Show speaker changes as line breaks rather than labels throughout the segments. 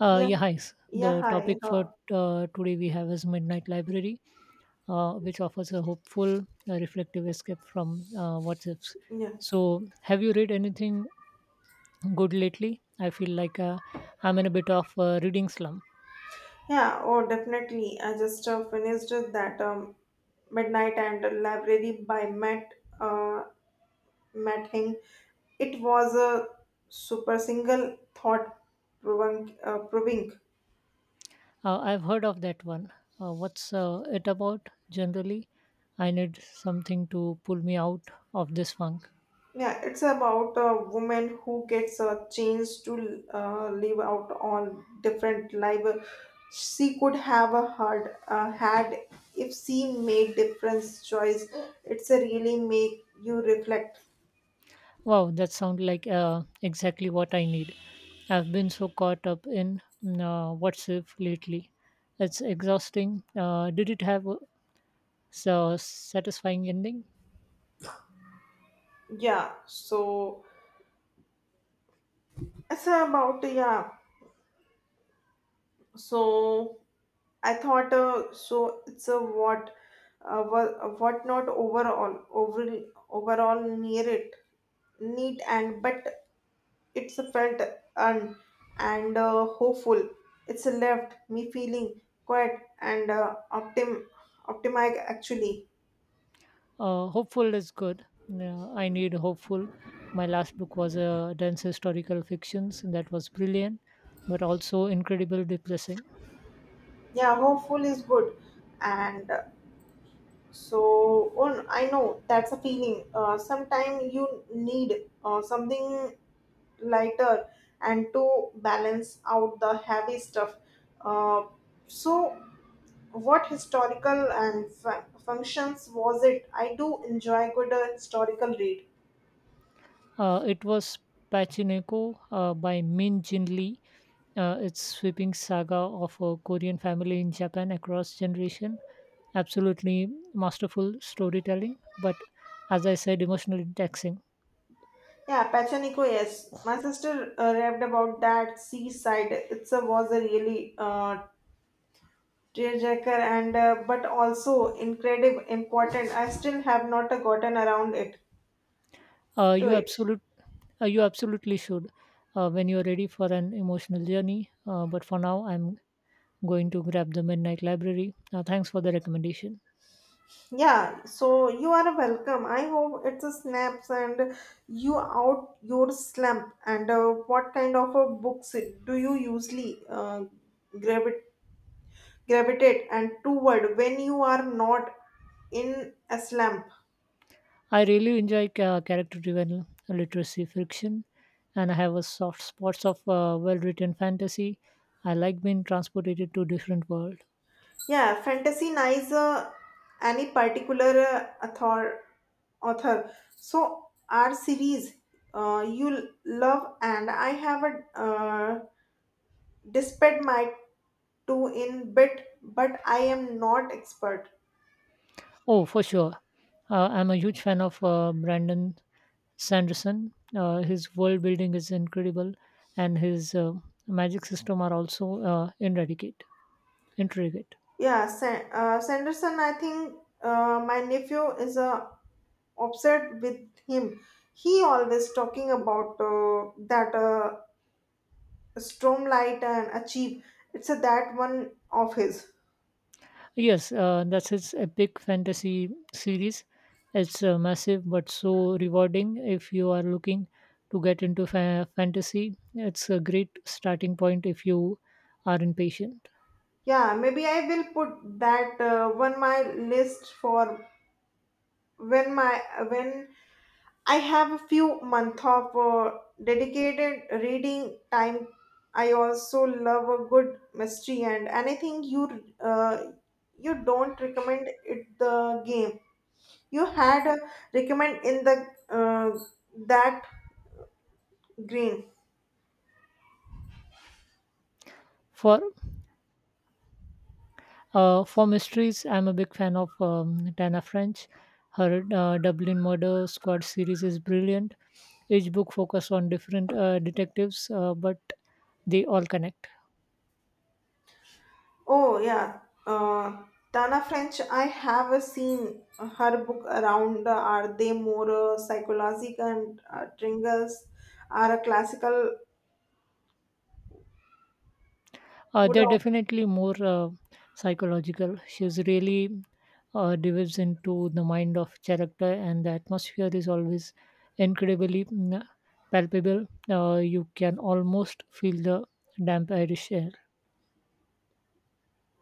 Yeah,
Yeah, hi.
yeah,
The
hi.
topic for today we have is Midnight Library, which offers a hopeful, reflective escape from what's ifs.
Yeah,
So, have you read anything good lately? I feel like I'm in a bit of a reading slump.
yeah, oh, definitely. I just finished that Midnight and the Library by uh, Matt Hing. It was a super single thought proving.
I've heard of that one. What's it about generally? I need something to pull me out of this funk.
Yeah, it's about a woman who gets a chance to live out all different life she could have a heard, had if she made different choice. It's a really make you reflect.
Wow, that sounds like exactly what I need. I've been so caught up in what's if lately. It's exhausting. Did it have a so satisfying ending?
Yeah, so it's about yeah. So I thought so it's a what not overall near it neat and but it's a felt un and hopeful. It's left me feeling quiet and optimic actually.
Hopeful is good. I need hopeful. My last book was a dense historical fiction that was brilliant, but also incredibly depressing.
Yeah, hopeful is good and so on I know that's a feeling sometime you need something lighter and to balance out the heavy stuff. Uh, so, what historical and functions was it? I do enjoy good historical read.
It was Pachineko by Min Jin Lee. Its sweeping saga of a Korean family in Japan across generation. Absolutely masterful storytelling, but as I said, emotionally taxing.
Yeah, Pachaniko, yes. My sister raved about that seaside. It's a, was a really tearjerker and but also incredible important. I still have not gotten around it
Uh,
to
you
it.
absolute, you absolutely should when you're ready for an emotional journey. But for now, I'm going to grab the Midnight Library. Thanks for the recommendation.
Yeah, so you are welcome. I hope it's a snaps and you out your slump. And what kind of a books do you usually gravit gravitate and toward when you are not in a slump?
I really enjoy character-driven literacy fiction, and I have a soft spots of well-written fantasy. I like being transported to different world.
Yeah, fantasy nice. Any particular uh, author author? So our series you love and I have a despite my to in bit, but I am not expert.
Oh, for sure. I'm a huge fan of Brandon Sanderson. His world building is incredible, and his magic system are also Intricate.
Yeah, Sanderson, I think my nephew is upset with him. He always talking about that storm light and achieve. It's a, that one of his.
Yes, that's his epic fantasy series. It's massive but so rewarding if you are looking to get into fantasy. It's a great starting point if you are impatient.
Yeah, maybe I will put that one my list for when my when I have a few months of dedicated reading time. I also love a good mystery and anything you you don't recommend it the game. You had a recommend in the that green.
For for mysteries, I'm a big fan of Tana French. Her Dublin Murder Squad series is brilliant. Each book focuses on different detectives, but they all connect.
Oh yeah, uh, Tana French. I have a seen her book around. Are they more psychological and tringers are a classical wood.
They're definitely more psychological. She's really dives into the mind of character, and the atmosphere is always incredibly palpable. You can almost feel the damp Irish air.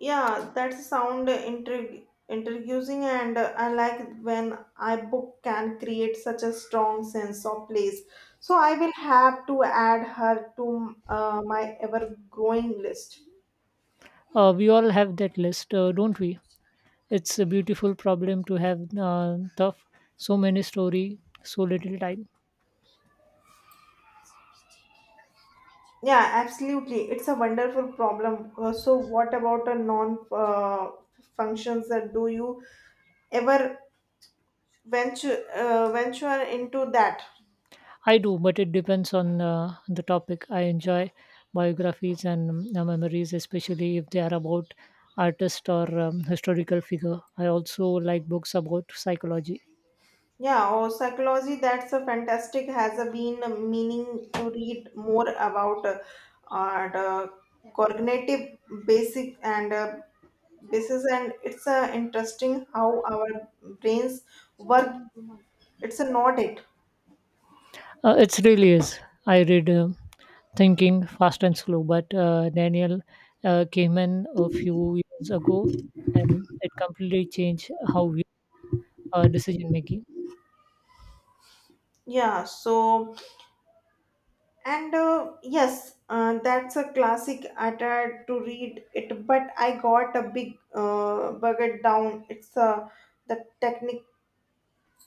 Yeah, that sound intriguing, and I like when I book can create such a strong sense of place. So I will have to add her to my ever-growing list.
We all have that list, don't we? It's a beautiful problem to have tough so many story, so little time.
Yeah, absolutely. It's a wonderful problem. So what about a non functions that do you ever venture into that?
I do, but it depends on the topic. I enjoy biographies and memories, especially if they are about artist or historical figure. I also like books about psychology.
Yeah, or psychology, that's a fantastic, has a been meaning to read more about the cognitive basic and basis and it's interesting how our brains work. It's a not it.
It really is. I read Thinking Fast and Slow, but Daniel came in a few years ago, and it completely changed how we are decision making.
Yeah, so that's a classic. I tried to read it, but I got a big bugger down. It's the technical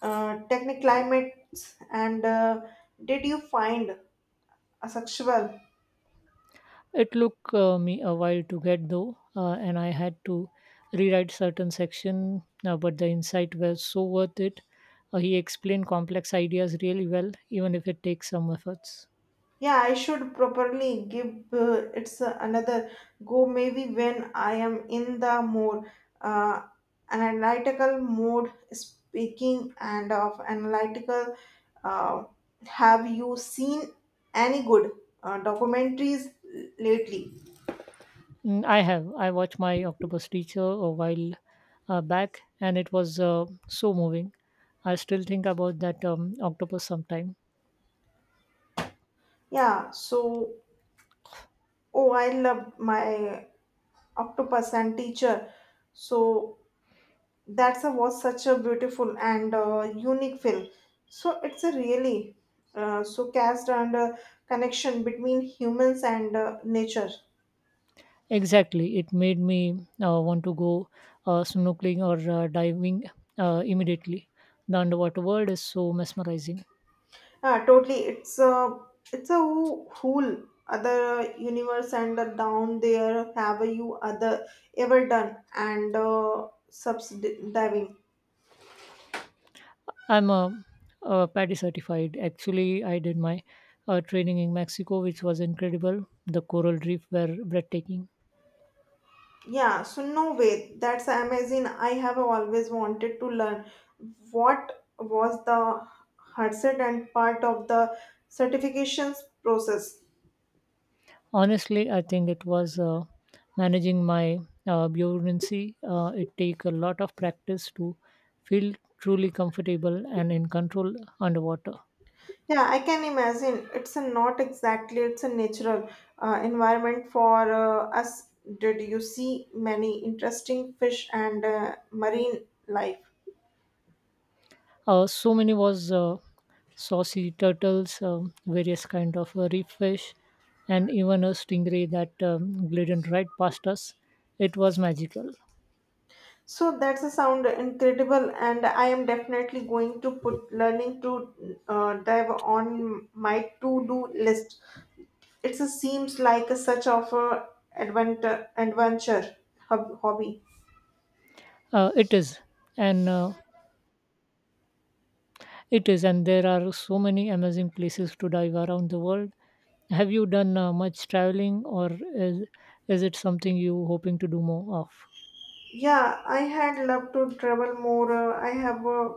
techniclimates and did you find a sexual.
It took me a while to get though, and I had to rewrite certain section, but the insight was so worth it. He explained complex ideas really well, even if it takes some efforts.
Yeah, I should properly give it's another go maybe when I am in the more uh, analytical mode speaking and of analytical. Uh, have you seen any good documentaries lately?
Mm, I have. I watched my Octopus Teacher a while back, and it was so moving. I still think about that octopus sometime.
Yeah, so oh I love my octopus and teacher, so that's a was such a beautiful and unique film, so it's a really so cast and connection between humans and nature.
Exactly, it made me want to go snorkeling or diving immediately. The underwater world is so mesmerizing.
Uh, totally it's a whole other universe and down there. Have you other ever done and subs diving?
I'm a PADI certified. Actually, I did my training in Mexico, which was incredible. The coral reef were breathtaking.
Yeah, so no way. That's amazing. I have always wanted to learn what was the hardset and part of the certifications process.
Honestly, I think it was managing my buoyancy. It take a lot of practice to feel truly comfortable and in control underwater.
Yeah, I can imagine. It's a not exactly. It's a natural environment for us. Did you see many interesting fish and marine life?
So many was saucy turtles, various kind of reef fish, and even a stingray that glided right past us. It was magical.
So that's a sound incredible, and I am definitely going to put learning to dive on my to do list. It seems like a such of a adventure hobby.
Uh, it is, and uh, it is, and there are so many amazing places to dive around the world. Have you done much traveling, or is it something you hoping to do more of?
Yeah, I had loved to travel more.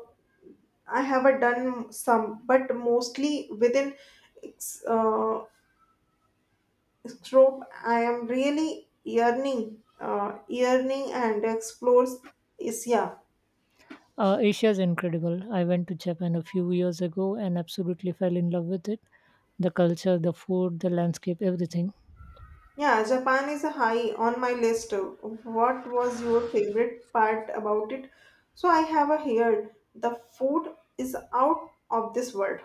I have done some, but mostly within ex- uh, stroke. I am really yearning and explores Asia.
Asia is incredible. I went to Japan a few years ago and absolutely fell in love with it. The culture, the food, the landscape, everything.
Yeah, Japan is a high on my list. What was your favorite part about it? So I have a here. The food is out of this world.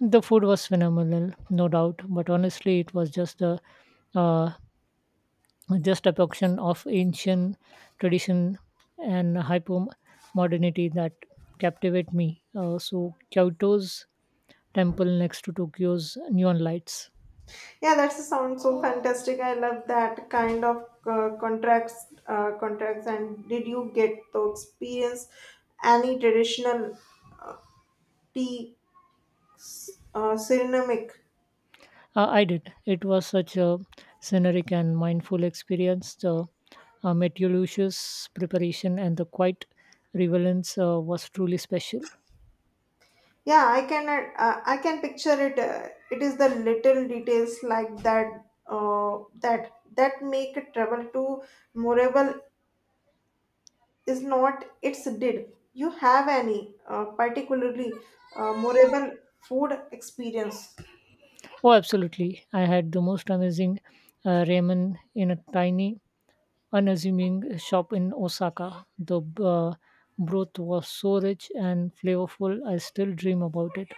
The food was phenomenal, no doubt. But honestly, it was just the uh, just a function of ancient tradition and hyper modernity that captivate me. So Kyoto's temple next to Tokyo's neon lights.
Yeah, that sounds so fantastic. I love that kind of contracts and did you get to experience any traditional tea ceramic?
I did. It was such a scenic and mindful experience. The meticulous preparation and the quiet relevance was truly special.
Yeah, I can picture it. It is the little details like that make a travel to Morable is not it's did. You have any particularly Morable food experience?
Oh, absolutely. I had the most amazing ramen in a tiny unassuming shop in Osaka. The uh, broth was so rich and flavorful, I still dream about it.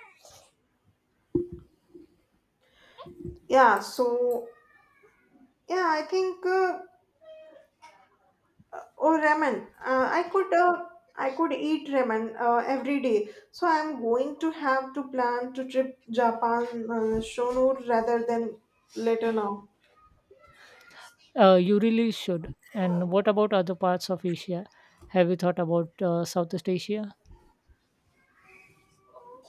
Yeah, so yeah, I think oh ramen. I could eat ramen every day. So I'm going to have to plan to trip Japan sooner rather than later now.
You really should. And what about other parts of Asia? Have you thought about Southeast Asia?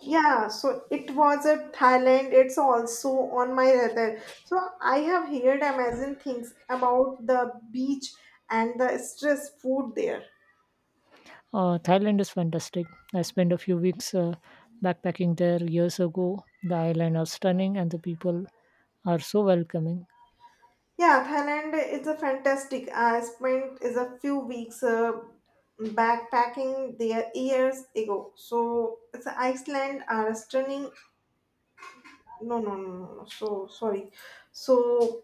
Yeah, so it was a Thailand. It's also on my radar. So I have heard amazing things about the beach and the stress food there.
Thailand is fantastic. I spent a few weeks backpacking there years ago. The island are stunning and the people are so welcoming.
Yeah, Thailand is a fantastic. I spent is a few weeks backpacking there years ago. So it's Iceland are stunning. No, no, no, no, no. So sorry. So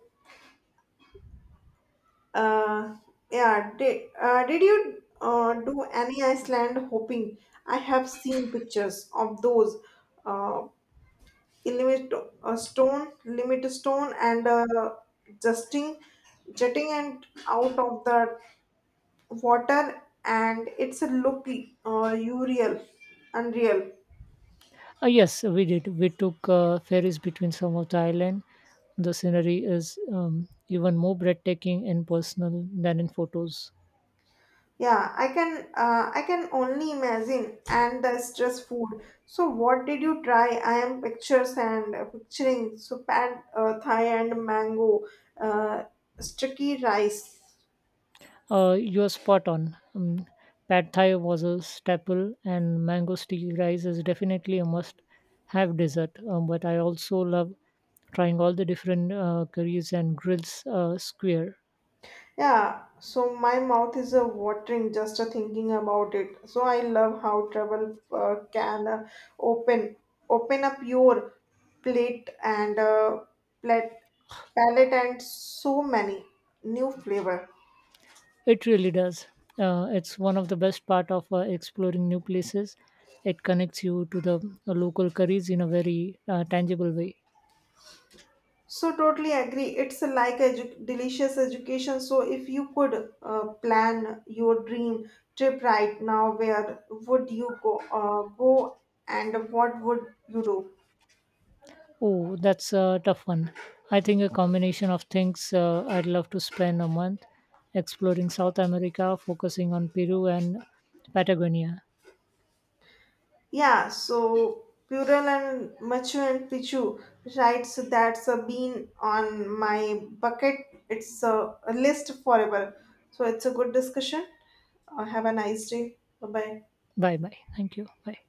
Uh, yeah. Did you do any Iceland hopping? I have seen pictures of those uh, limit limit stone, and justing, jetting and out of the water, and it's a look unreal, unreal.
Yes, we did. We took ferries between some of the island. The scenery is even more breathtaking and personal than in photos.
Yeah, I can only imagine and the stress food. So what did you try? I am pictures and picturing so and Thai and mango uh, sticky rice.
You are spot on. Pad Thai was a staple, and mango sticky rice is definitely a must-have dessert. But I also love trying all the different curries and grills square.
Yeah, so my mouth is watering just thinking about it. So I love how travel can open up your plate and plate palette and so many new flavor.
It really does. It's one of the best part of exploring new places. It connects you to the local curries in a very tangible way.
So totally agree. It's like a delicious education. So if you could plan your dream trip right now, where would you go and what would you do?
Oh, that's a tough one. I think a combination of things. I'd love to spend a month exploring South America, focusing on Peru and Patagonia.
Yeah. So Pural and Machu and Pichu, right? So that's been on my bucket. It's a list forever. So it's a good discussion. Have a nice day. Bye bye.
Bye bye. Thank you. Bye.